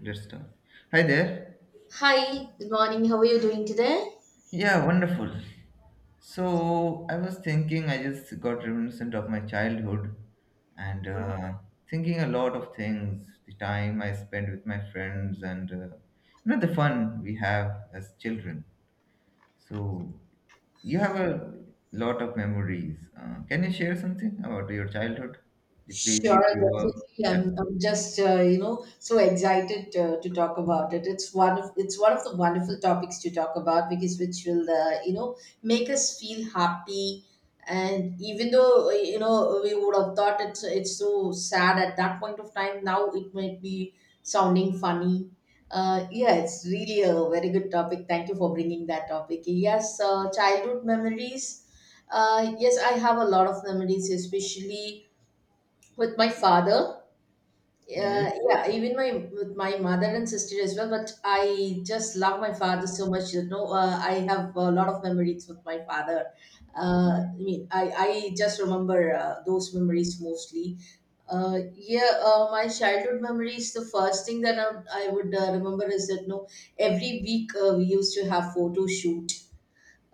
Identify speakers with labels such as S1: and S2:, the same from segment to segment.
S1: Let's start. Hi there.
S2: Hi, good morning. How are you doing today?
S1: Yeah, wonderful. So I was thinking, I just got reminiscent of my childhood and thinking a lot of things, the time I spent with my friends and the fun we have as children. So you have a lot of memories. Can you share something about your childhood, the place
S2: Sure,
S1: you grew up?
S2: definitely.
S1: Yeah.
S2: I'm just you know so excited to talk about it. It's one of the wonderful topics to talk about because which will make us feel happy. And even though we would have thought it's so sad at that point of time, now it might be sounding funny. Yeah, it's really a very good topic. Thank you for bringing that topic. Yes, childhood memories. Yes, I have a lot of memories, especially with my father.
S1: Yes.
S2: Yeah, even my with my mother and sister as well. But I just love my father so much. You know, I have a lot of memories with my father. I mean, I just remember those memories mostly. Yeah, my childhood memories. The first thing that I would remember is that no, every week we used to have photo shoot.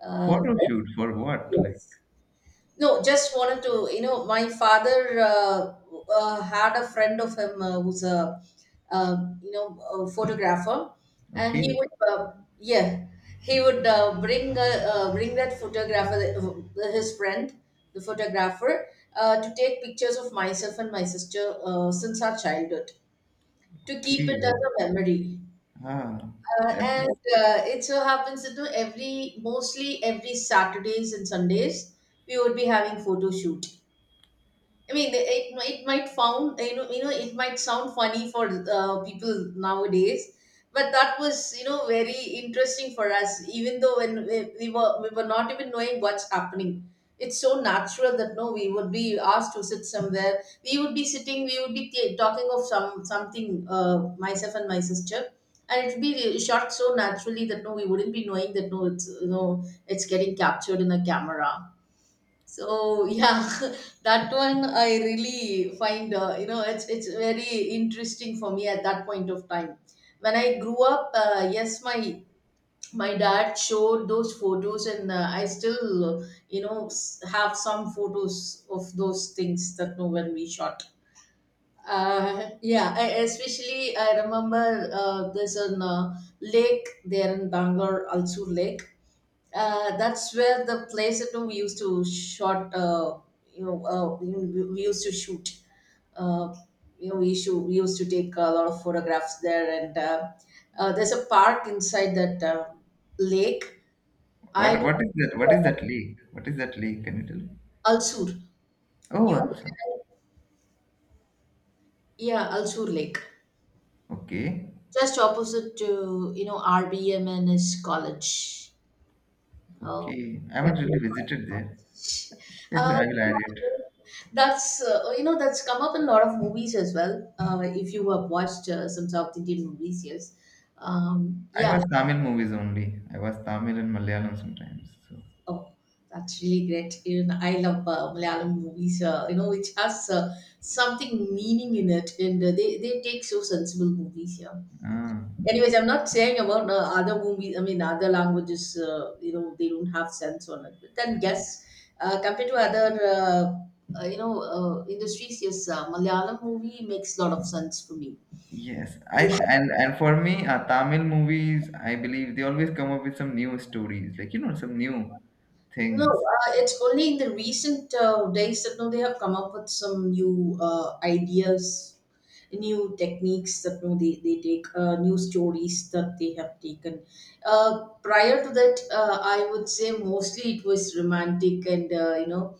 S2: Uh,
S1: Photo shoot for what? Like,
S2: yes, no, just wanted to, you know, my father had a friend of him who's a, a photographer, and he
S1: okay,
S2: would, yeah, he would bring that photographer, his friend, the photographer, to take pictures of myself and my sister since our childhood to keep it
S1: okay.
S2: as a memory.
S1: Ah,
S2: Uh,
S1: that
S2: and
S1: is
S2: uh, it so happens that you know, every mostly every Saturdays and Sundays we would be having photo shoot. I mean, it might found you know it might sound funny for people nowadays, but that was you know very interesting for us. Even though when we were not even knowing what's happening, it's so natural that no, we would be asked to sit somewhere. We would be sitting. We would be talking of something. Myself and my sister. And it'd be shot so naturally that no, we wouldn't be knowing that no, it's you know, it's getting captured in a camera. So yeah, that one I really find you know it's very interesting for me at that point of time. When I grew up, yes, my dad showed those photos, and I still have some photos of those things that no when we shot. Yeah, I, especially I remember there's an lake there in Bangalore, Alsur Lake. That's where the place that we used to shot. We used to shoot. Uh, we used to take a lot of photographs there, and there's a park inside that lake. I do
S1: what is that lake? What is that lake? Can you tell me?
S2: Al Sur.
S1: Oh,
S2: You,
S1: also.
S2: yeah, Al Sur Lake,
S1: Okay.
S2: just opposite to you know RBMNS College. Oh,
S1: Okay. I
S2: yeah.
S1: haven't really visited there.
S2: Uh,
S1: I will add it.
S2: that's you know that's come up in a lot of movies as well. If you have watched some South Indian movies, yes.
S1: I
S2: Yeah.
S1: was Tamil movies only. I was Tamil and Malayalam sometimes. So
S2: Oh, that's really great. Even I love Malayalam movies. You know, which has something meaning in it, and they take so sensible movies. Yeah.
S1: ah,
S2: Anyways, I'm not saying about other movies. I mean, other languages. You know, they don't have sense on it. But then, yes, compared to other, industries, yes, Malayalam movie makes a lot of sense for me.
S1: yes. I and for me, Tamil movies, I believe they always come up with some new stories, like some new
S2: No,
S1: things,
S2: it's only in the recent days that now they have come up with some new ideas, new techniques that now they take, new stories that they have taken. Prior to that, I would say mostly it was romantic and, you know,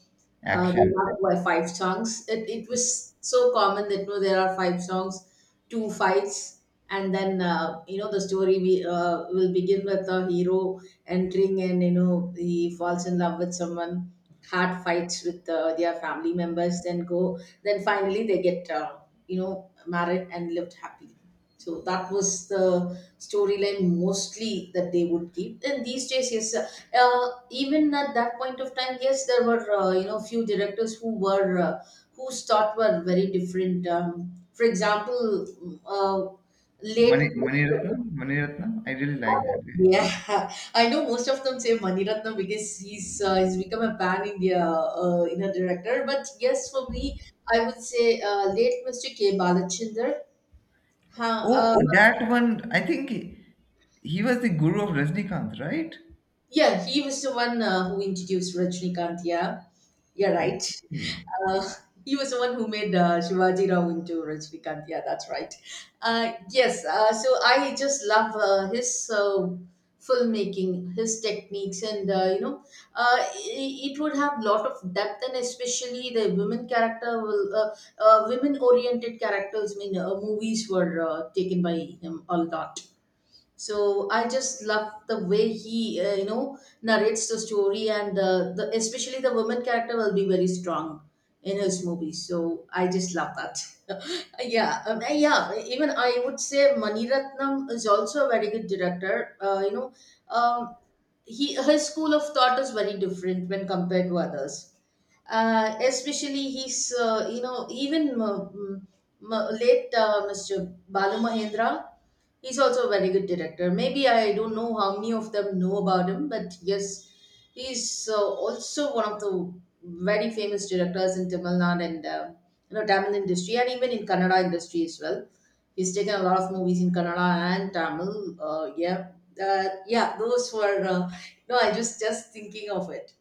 S2: there
S1: action.
S2: are like five songs. It was so common that no, there are five songs, two fights, and then you know the story we will begin with a hero entering and you know he falls in love with someone, hard fights with their family members, then go, then finally they get you know married and lived happily. So that was the storyline mostly that they would keep. And these days, yes, even at that point of time, yes, there were you know few directors who were whose thought were very different. For example, uh, late.
S1: Maniratnam, Maniratnam. I really like that.
S2: Yeah, I know most of them say Maniratnam because he's become a pan India in a director. But yes, for me, I would say late Mr. K. Balachander. Huh,
S1: Oh, that one, I think he was the guru of Rajnikanth, right?
S2: yeah, he was the one who introduced Rajnikant. Yeah, you're right.
S1: Okay.
S2: Uh, he was the one who made Shivaji Rao into Rajnikant. Yeah, that's right. Yes, so I just love his uh, filmmaking, his techniques, and it would have lot of depth, and especially the women character will, women-oriented characters. I mean, movies were taken by him a lot. So I just love the way he you know narrates the story, and the especially the woman character will be very strong in his movie, so I just love that. Yeah, yeah. Even I would say Maniratnam is also a very good director. You know, um, he his school of thought is very different when compared to others. Especially he's you know late Mr. Balu Mahendra, he's also a very good director. Maybe I don't know how many of them know about him, but yes, he's also one of the very famous directors in Tamil Nadu and. You know Tamil industry and even in Kannada industry as well. He's taken a lot of movies in Kannada and Tamil. Yeah, yeah, those were. No, I just thinking of it.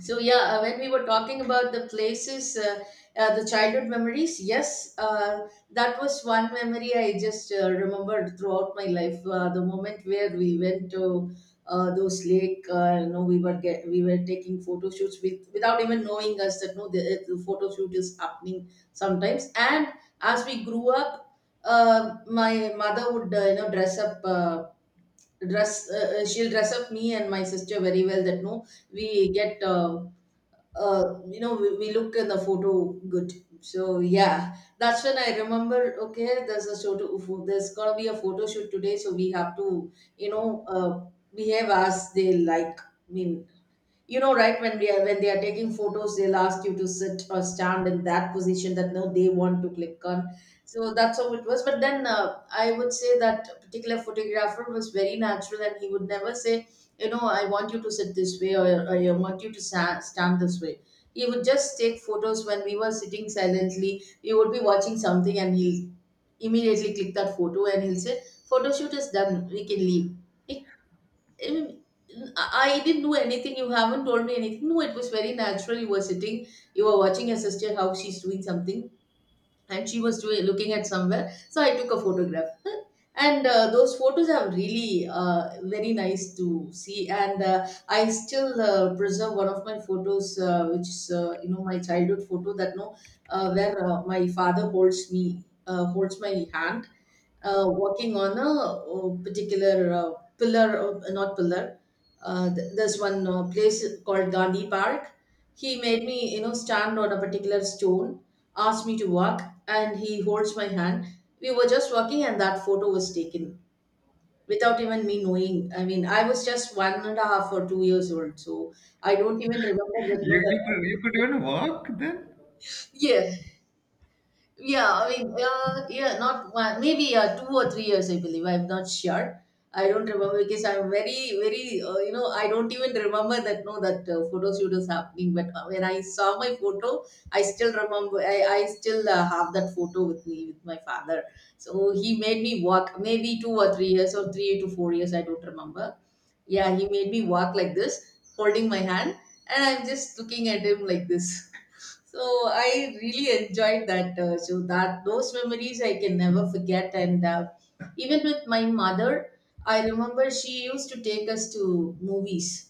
S2: So yeah, when we were talking about the places, the childhood memories, yes, that was one memory I just remembered throughout my life. The moment where we went to those lake, you know, we were taking photo shoots without even knowing us that no, the photo shoot is happening sometimes. And as we grew up, my mother would you know dress up. Dress she'll dress up me and my sister very well that no we get you know, we look in the photo good. So yeah, that's when I remember. Okay, there's a photo. There's gonna be a photo shoot today, so we have to, you know, behave as they like. I mean, you know right when they are taking photos, they'll ask you to sit or stand in that position that no they want to click on. So that's how it was. But then I would say that particular photographer was very natural, and he would never say you know I want you to sit this way, or I want you to stand this way. He would just take photos when we were sitting silently. We would be watching something and he'll immediately click that photo. And he'll say photo shoot is done, we can leave. I I didn't do anything. You haven't told me anything. No, it was very natural. You were sitting, you were watching your sister how she's doing something, and she was doing looking at somewhere, so I took a photograph. And those photos are really very nice to see, and I still preserve one of my photos which is you know my childhood photo that no, where my father holds me, holds my hand, working on a, particular pillar, not pillar, there's one place called Gandhi Park. He made me you know stand on a particular stone, asked me to walk, and he holds my hand. We were just walking, and that photo was taken without even me knowing. I mean, I was just one and a half or 2 years old, so I don't even remember that. No,
S1: You could
S2: that
S1: even walk then?
S2: yes, yeah, I mean, yeah, not one, maybe 2 or 3 years, I believe. I'm not sure. I don't remember because I'm very, very, you know, I don't even remember that, no, that photo shoot is happening. But when I saw my photo, I still remember, I still have that photo with me, with my father. So he made me walk maybe 2 or 3 years or 3 to 4 years, I don't remember. Yeah, he made me walk like this, holding my hand, and I'm just looking at him like this. So I really enjoyed that. So that those memories I can never forget. And Even with my mother, I remember she used to take us to movies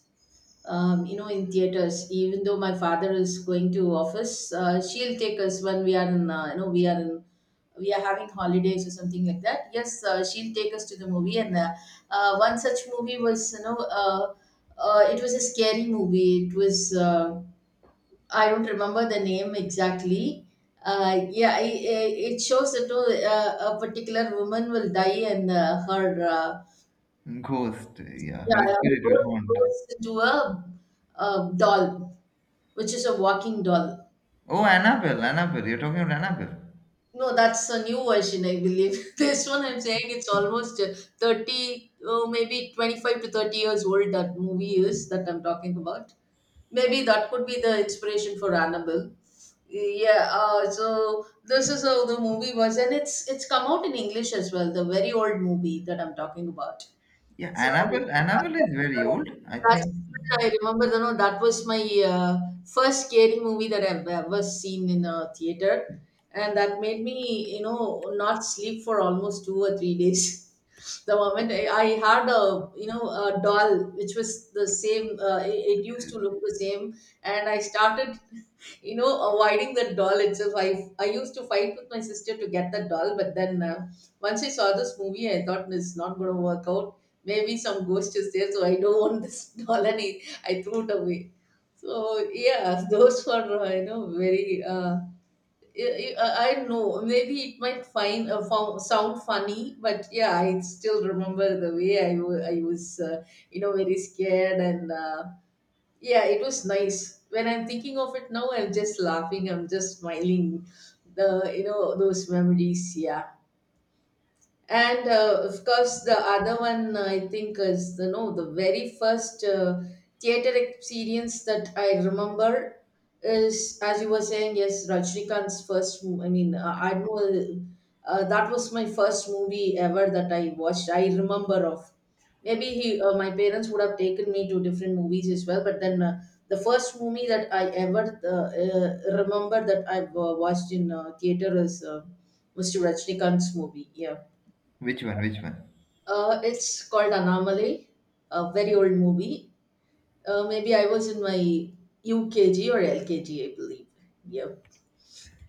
S2: you know, in theaters. Even though my father is going to office, she'll take us when we are in, you know, we are in, we are having holidays or something like that. Yes, she'll take us to the movie. And One such movie was, it was a scary movie. I don't remember the name exactly. Yeah, it shows that a particular woman will die and her,
S1: Ghost, yeah, her
S2: yeah, it
S1: spirit will
S2: goes,
S1: haunt.
S2: goes into a doll which is a walking doll.
S1: Oh, Annabelle, Annabelle, you're talking about Annabelle.
S2: No, that's a new version, I believe. This one I'm saying it's almost 30, oh, maybe 25 to 30 years old, that movie is that I'm talking about. Maybe that could be the inspiration for Annabelle. Yeah, so this is how the movie was, and it's come out in English as well, the very old movie that I'm talking about.
S1: Yeah,
S2: So
S1: Annabelle, Annabelle
S2: yeah,
S1: is very old, I
S2: that's
S1: think.
S2: I remember. You know, that was my first scary movie that I've ever seen in a theater, and that made me, you know, not sleep for almost 2 or 3 days. The moment I had a, you know, a doll which was the same, it, it used to look the same, and I started, you know, avoiding that doll itself. I used to fight with my sister to get that doll, but then once I saw this movie, I thought it's not going to work out, maybe some ghost is there, so I don't want this doll, and I threw it away. So yeah, those were you know very. I know. Maybe it might sound funny, but yeah, I still remember the way I was, you know, very scared, and yeah, it was nice. When I'm thinking of it now, I'm just laughing. I'm just smiling. The you know those memories. Yeah. And Of course, the other one I think is, you know, the very first theater experience that I remember is, as you were saying, yes, Rajnikant's I mean, I know that was my first movie ever that I watched. I remember of. Maybe my parents would have taken me to different movies as well, but the first movie that I ever remember that I watched in theater is Mr. Rajnikant's movie. Yeah.
S1: Which one? Which one?
S2: It's called Anamale, a very old movie. Maybe I was in my UKG or LKG, I believe. Yeah.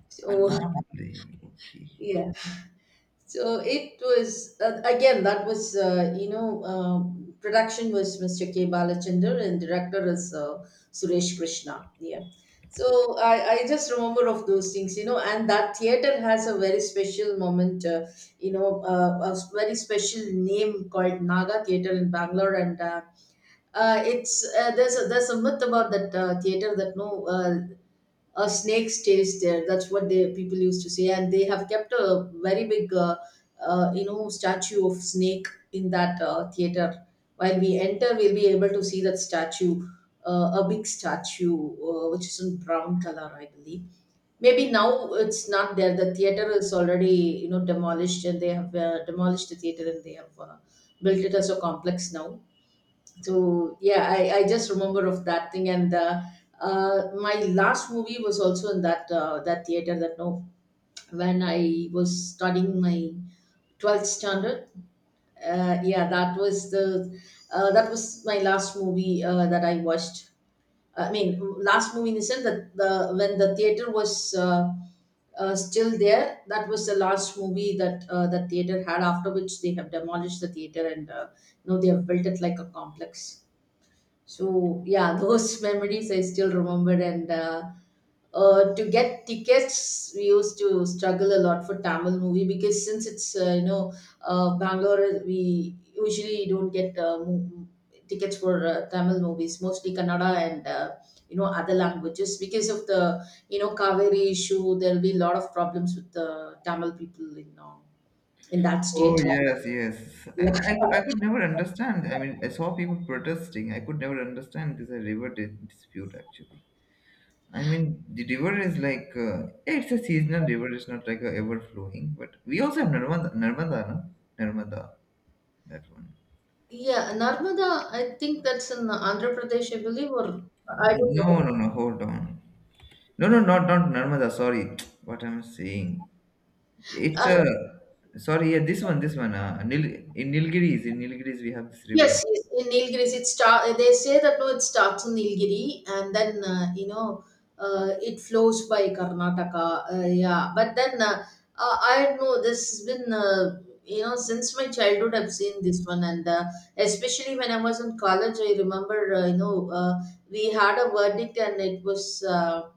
S2: So
S1: Annabelle. Okay.
S2: yeah. So it was again that was production was Mr. K Balachander and director is Suresh Krishna. Yeah. So I just remember of those things, you know, and that theater has a very special moment, a very special name called Naga Theater in Bangalore, and it's there's a myth about that theater that no a snake stays there. That's what they people used to say, and they have kept a very big you know statue of snake in that theater. While we enter, we'll be able to see that statue, a big statue which is in brown color, I believe. Maybe now it's not there. The theater is already you know demolished, and they have demolished the theater and they have built it as a complex now. So yeah, I just remember of that thing and my last movie was also in that that theater that no, when I was studying my 12th standard. Yeah, that was the that was my last movie that I watched. I mean, last movie in the sense that the when the theater was still there. That was the last movie that the theater had. After which they have demolished the theater and now they have built it like a complex. So yeah, those memories I still remember. And To get tickets, we used to struggle a lot for Tamil movie because since it's you know Bangalore, we usually don't get tickets for Tamil movies, mostly Kannada and you know other languages because of the you know Kaveri issue. There'll be a lot of problems with the Tamil people in that
S1: Oh
S2: state.
S1: yes, yes. I,
S2: Yeah.
S1: I I could never understand. I mean, I saw people protesting. I could never understand this river dispute actually. I mean, the river is like yeah, it's a seasonal river. It's not like a ever flowing. But we also have Narmada, Narmada, no? Narmada, that one.
S2: Yeah, Narmada, I think that's in Andhra Pradesh, I believe, or I don't
S1: No,
S2: know.
S1: no, no. Hold on. No, no, not Narmada. Sorry, what I'm saying. It's
S2: Uh,
S1: a Sorry. Yeah, this one, this one. In Nilgiris, we have this river.
S2: yes, yes, in Nilgiris, it start. They say that no, it starts in Nilgiri and then it flows by Karnataka. Yeah, but then I know this has been you know since my childhood I've seen this one, and especially when I was in college, I remember we had a verdict and it was. Uh,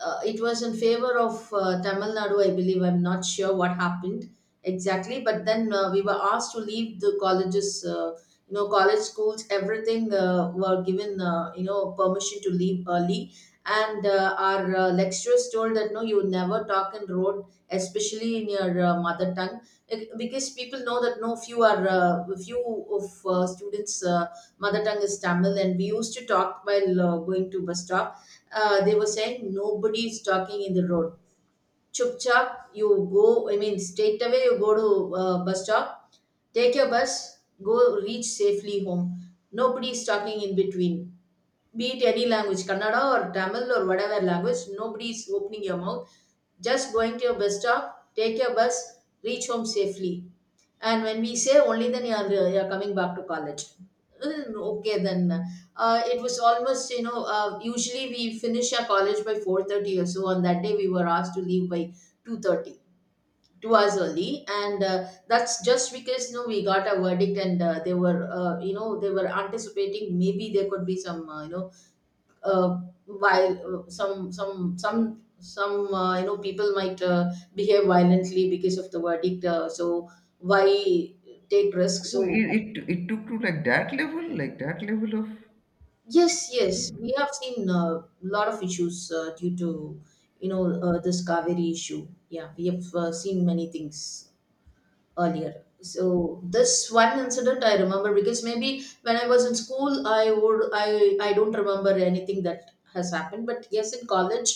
S2: uh, It was in favor of Tamil Nadu, I believe. I'm not sure what happened exactly, but then we were asked to leave the colleges, you know, college schools, everything were given, you know, permission to leave early. And our lecturers told that no, you never talk in road, especially in your mother tongue, because people know that no, few of students' mother tongue is Tamil, and we used to talk while going to bus stop, they were saying nobody is talking in the road. Chup Chupchap, you go, I mean, straight away you go to bus stop, take your bus, go reach safely home. Nobody is talking in between. Be it any language, Kannada or Tamil or whatever language, nobody is opening your mouth, just going to your bus stop, take your bus, reach home safely. And when we say only then you're coming back to college. Mm, okay, then it was almost you know usually we finish our college by 4:30 or so. On that day we were asked to leave by 2:30, 2 hours early, and that's just because you know we got a verdict and they were you know they were anticipating maybe there could be some you know uh, while some you know people might behave violently because of the verdict, so why take risks,
S1: Oh, it,
S2: so
S1: it it took to like that level of.
S2: yes, yes, we have seen a lot of issues due to you know this Kaveri issue. Yeah, we have seen many things earlier. So this one incident I remember because maybe when I was in school, I would I don't remember anything that has happened. But yes, in college,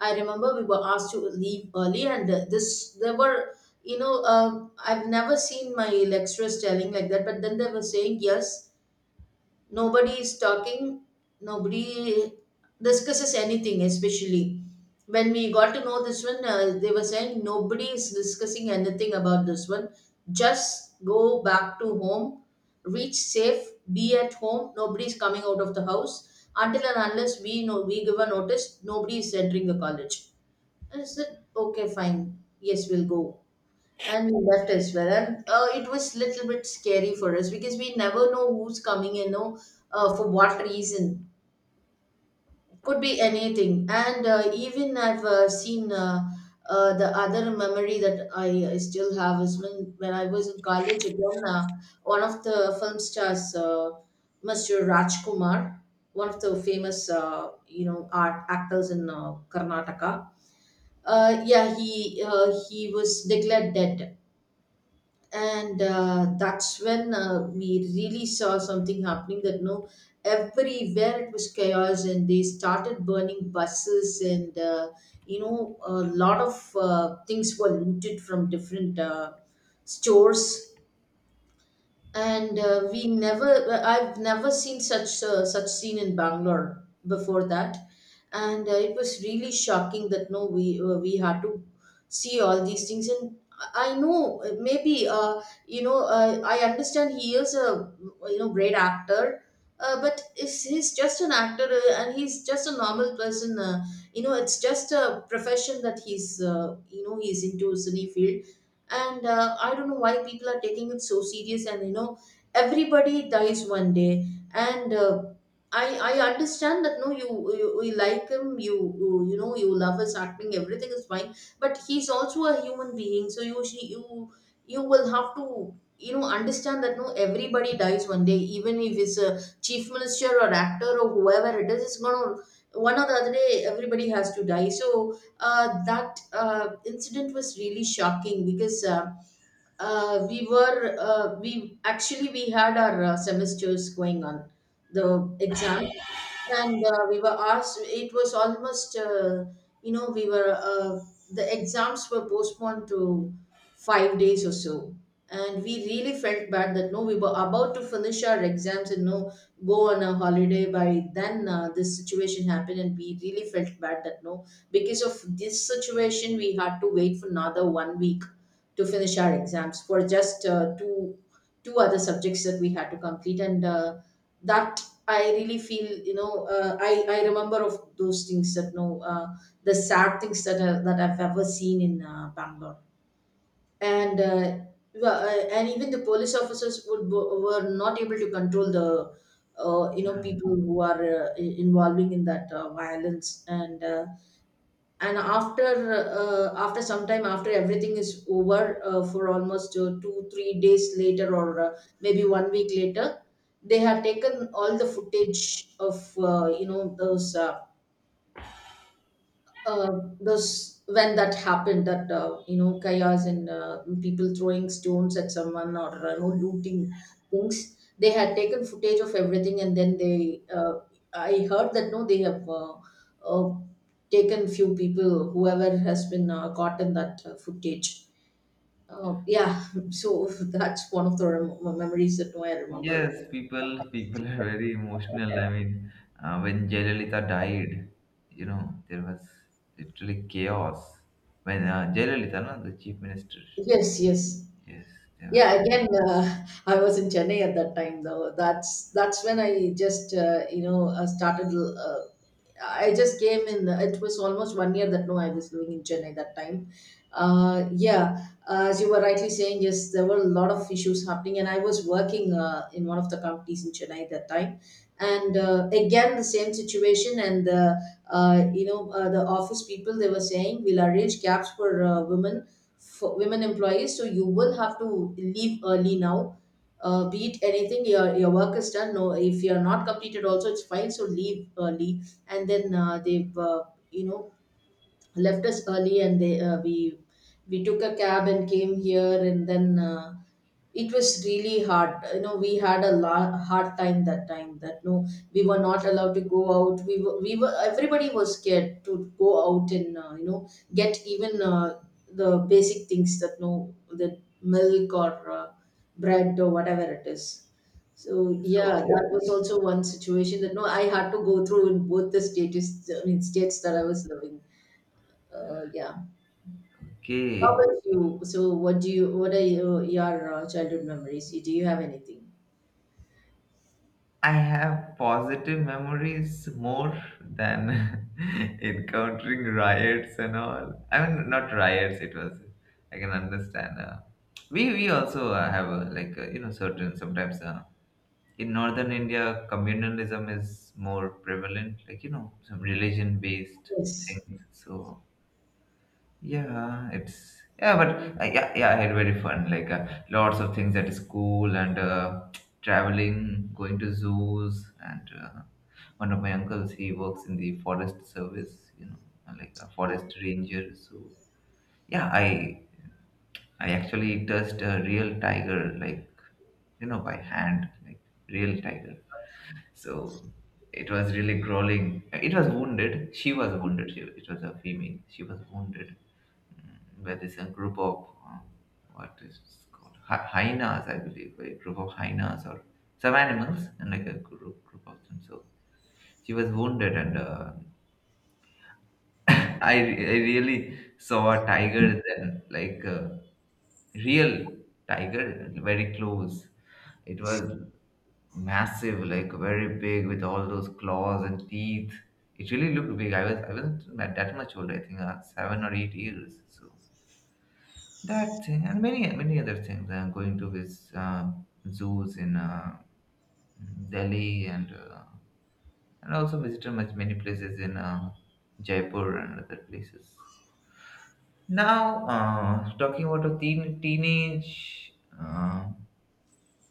S2: I remember we were asked to leave early, and this there were you know I've never seen my lecturers telling like that, but then they were saying yes nobody is talking, nobody discusses anything, especially when we got to know this one they were saying nobody is discussing anything about this one, just go back to home, reach safe, be at home, nobody is coming out of the house until and unless we know we give a notice, nobody is entering the college. I said okay fine, yes we'll go, and we left as well. And it was little bit scary for us because we never know who's coming, you know, for what reason. Could be anything. And even I've seen the other memory that I still have is when I was in college again, one of the film stars, Mr. Rajkumar, one of the famous, you know, art actors in Karnataka. Yeah, he was declared dead and that's when we really saw something happening that no, everywhere it was chaos, and they started burning buses, and a lot of things were looted from different stores. And we never I've never seen such such scene in Bangalore before that. And it was really shocking that no, we had to see all these things. And I know, maybe, I understand he is a, great actor, but is he's just an actor, and he's just a normal person. It's just a profession that he's you know he's into cine field. And I don't know why people are taking it so serious, and you know, everybody dies one day. And uh, i i understand that no, you you like him, you know you love his acting, everything is fine, but he's also a human being. So you you will have to, understand that no, everybody dies one day, even if it's a chief minister or actor or whoever it is. It's gonna, one or the other day, everybody has to die. So that incident was really shocking, because we actually we had our semesters going on, the exam. And we were asked, it was almost, you know we were the exams were postponed to 5 days or so. And we really felt bad that no, we were about to finish our exams and no, go on a holiday, by then this situation happened, and we really felt bad that no, because of this situation we had to wait for another 1 week to finish our exams for just two other subjects that we had to complete. And uh, that i really feel, I remember of those things that no, the sad things that that I've ever seen in Bangalore. and uh, and even the police officers would were not able to control the people who are involving in that violence. And after after some time, after everything is over, for almost 2 or 3 days later, or maybe 1 week later, they have taken all the footage of uh, those, when that happened, that chaos, and people throwing stones at someone or, looting things. They had taken footage of everything, and then they I heard that no, they have uh, taken few people whoever has been caught in that footage. Yeah, so that's one of the memories that I remember.
S1: Yes, people are very emotional. I mean, when Jayalalitha died, there was literally chaos. When Jayalalitha, no, the chief minister,
S2: Yes, yes.
S1: yes, there was.
S2: Yeah, again, I was in Chennai at that time, though. That's when I just, started. I just came in. It was almost 1 year that no, I was living in Chennai that time. Yeah, as you were rightly saying, yes, there were a lot of issues happening, and I was working in one of the companies in Chennai at that time. And again, the same situation. The office people, they were saying we'll arrange cabs for women for women employees. So you will have to leave early now. Be it anything, your work is done. No, if you're not completed, also it's fine. So leave early, and then they've you know left us early, and they we took a cab and came here. And then it was really hard, you know, we had a hard time that no, we were not allowed to go out, we were, everybody was scared to go out. And get even the basic things, that no, the milk or bread or whatever it is. So
S1: So,
S2: yeah, that was also one situation that no, I had to go through in both the status, I mean states, that I was living. Yeah. How
S1: okay,
S2: about you? So, what do you? What are your childhood memories? Do you have anything?
S1: I have positive memories more than encountering riots and all. I mean, not riots. It was. I can understand. We also have like certain sometimes. In northern India, communalism is more prevalent, like some religion-based
S2: Yes.
S1: things. So yeah, it's yeah, but yeah, yeah, I had very fun. Like lots of things at school and traveling, going to zoos, and one of my uncles he works in the forest service, like a
S2: Good.
S1: forest ranger. So yeah, I actually touched a real tiger, like by hand, like real tiger. So it was really grueling. It was wounded. She was wounded. It was a female. She was wounded by this group of what is it called hyenas, I believe, a group of hyenas or some animals and like a group of them. So she was wounded, and I really saw a tiger then, like. Real tiger very close, it was massive, like very big with all those claws and teeth. It really looked big. I wasn't that much old. I think 7 or 8 years. So that thing and many other things. Going to his zoos in Delhi and and also visited much many places in Jaipur and other places. Now talking about a teenage. Uh,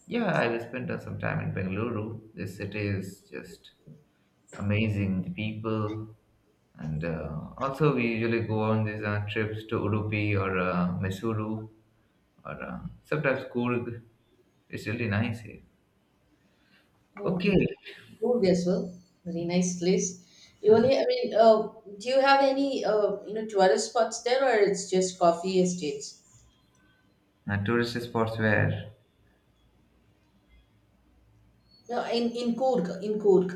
S1: yeah, I spent some time in Bengaluru. This city is just amazing, the people, and also we usually go on these trips to Udupi or Mysuru or sometimes Coorg. It's really nice here.
S2: Oh,
S1: Okay.
S2: good as well. Very nice place. You only. I mean, do you have any? Tourist spots there, or it's just coffee estates?
S1: Tourist spots where?
S2: No, in Cork. In Cork.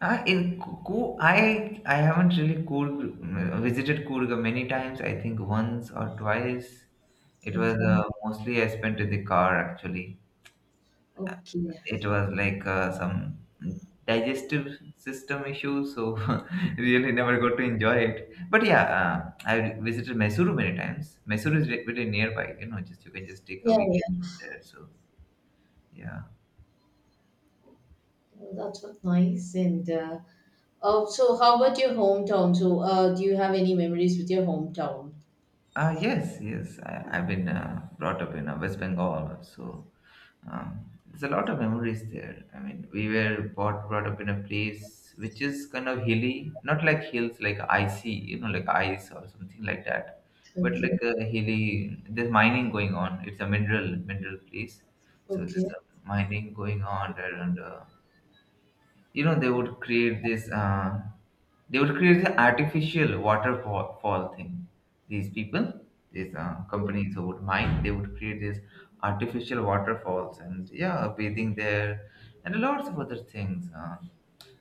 S1: In Coorg, I haven't really visited Coorg many times. I think once or twice. It was
S2: Okay.
S1: mostly I spent in the car actually.
S2: Okay.
S1: It was like some digestive system issue, so really never got to enjoy it. But yeah, I visited Mysuru many times. Mysuru is really nearby. You can just take a
S2: Yeah,
S1: weekend
S2: yeah.
S1: trip there. So yeah,
S2: That's what nice and. Oh, so how about your hometown? So, do you have any memories with your hometown?
S1: yes, yes. I've been brought up in West Bengal, so there's a lot of memories there. I mean, we were brought up in a place which is kind of hilly, not like hills like icy, like ice or something like that, but like
S2: Okay,
S1: a hilly. There's mining going on. It's a mineral place, so
S2: okay.
S1: there's a mining going on there, and you know they would create this uh, they would create the artificial waterfall fall thing. these people these companies who would mine, they would create these artificial waterfalls, and yeah, bathing there, and lots of other things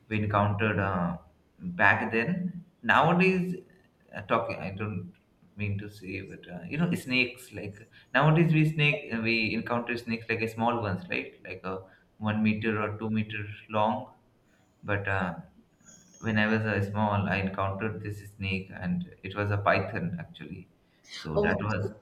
S1: we encountered back then. Nowadays, talking I don't mean to say, but snakes, like nowadays, we encounter snakes like a small ones, right, like a 1 meter or 2 meter long. But when I was small, I encountered this snake, and it was a python actually. So
S2: Oh
S1: that
S2: my God.
S1: was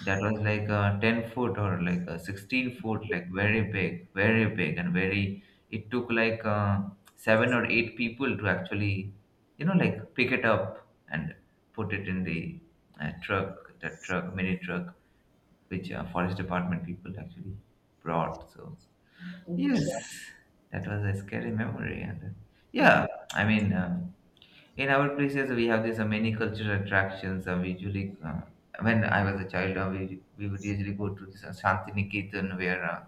S1: like 10 foot or like 16 foot, like very big, very big, and very. It took like seven or eight people to actually, like pick it up and put it in the truck, that truck, mini truck, which forest department people actually brought. So
S2: Okay.
S1: yes, that was a scary memory. And yeah, I mean, in our places we have these many cultural attractions. We usually, when I was a child, we would usually go to this Shantiniketan where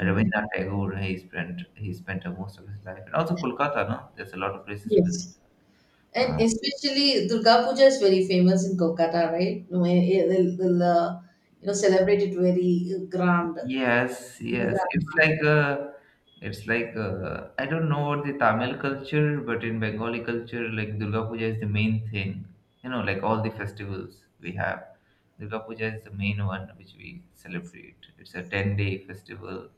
S2: Okay.
S1: Rabindranath Tagore he spent most of his life, and also Kolkata. No, there's a lot of places to visit.
S2: Yes. And
S1: Uh,
S2: especially Durga Puja is very famous in Kolkata, right? No, eh, eh, they'll, they'll celebrate it very grand.
S1: Yes,
S2: In a
S1: yes.
S2: grand
S1: It's like
S2: manner.
S1: a, it's like I I don't know what the Tamil culture, but in Bengali culture, like Durga Puja is the main thing. Like all the festivals we have. Durga Puja is the main one which we celebrate. It's a 10-day festival.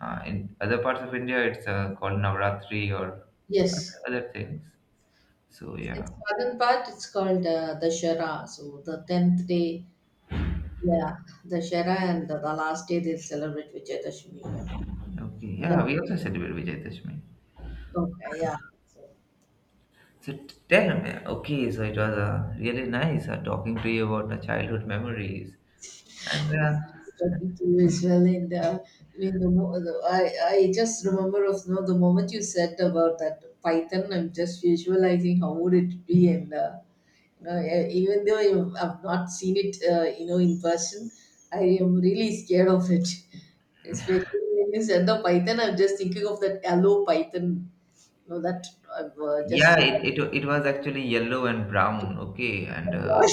S1: In other parts of India, it's called Navratri or other
S2: Yes.
S1: other things. So
S2: In
S1: yeah.
S2: southern part, it's called Dashara. So the 10th day, yeah, Dashara, and the last day they'll celebrate Vijayadashami. Yeah.
S1: Okay. Yeah,
S2: Yeah.
S1: we also celebrate Vijayadashmi.
S2: Okay. Yeah. So,
S1: So tell me, okay, so it was really nice talking to you about the childhood memories. And
S2: talking to you as well. And I mean, the, mo- the I just remember of you the moment you said about that Python. I'm just visualizing how would it be. And you know, e- even though I've not seen it, in person, I am really scared of it. Especially when you said the Python, I'm just thinking of that hello Python. You know that I've just.
S1: yeah, it was actually yellow and brown, okay, and uh,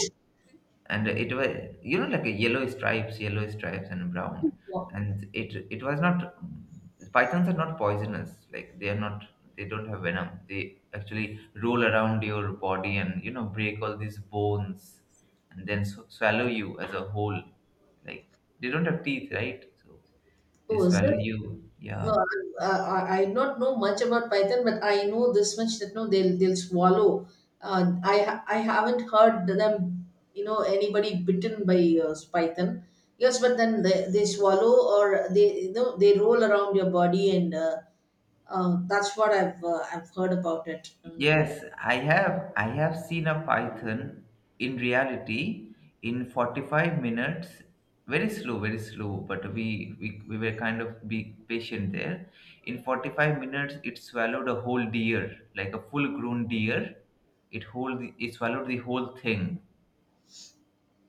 S1: and it was like a yellow stripes and brown, and it was not. Pythons are not poisonous, like they are not, they don't have venom, they actually roll around your body and break all these bones and then swallow you as a whole, like they don't have teeth, right, so they
S2: Oh, was
S1: swallow
S2: it?
S1: you.
S2: No,
S1: Yeah.
S2: I not know much about Python, but I know this much that no, they'll swallow. I haven't heard them, anybody bitten by Python. Yes, but then they swallow, or they they roll around your body. And that's what I've heard about it. And
S1: Yes, I have seen a python in reality in 45 minutes. Very slow, but we were kind of be patient there. In 45 minutes, it swallowed a whole deer, like a full-grown deer. It swallowed the whole thing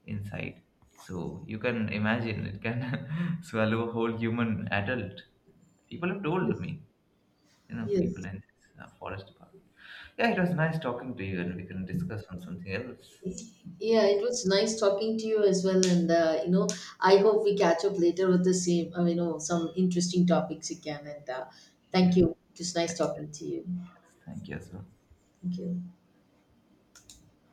S1: inside. So you can imagine it can swallow a whole human adult. People have told
S2: yes,
S1: me, people
S2: yes.
S1: in this forest department. Yeah, it was nice talking to you, and we can discuss on something else. It
S2: Yeah,
S1: was,
S2: it was nice talking to you as well. I hope we catch up later with the same, some interesting topics again. And thank
S1: yes,
S2: you. It was nice
S1: thank,
S2: talking to you.
S1: yes, thank you as well.
S2: Thank you.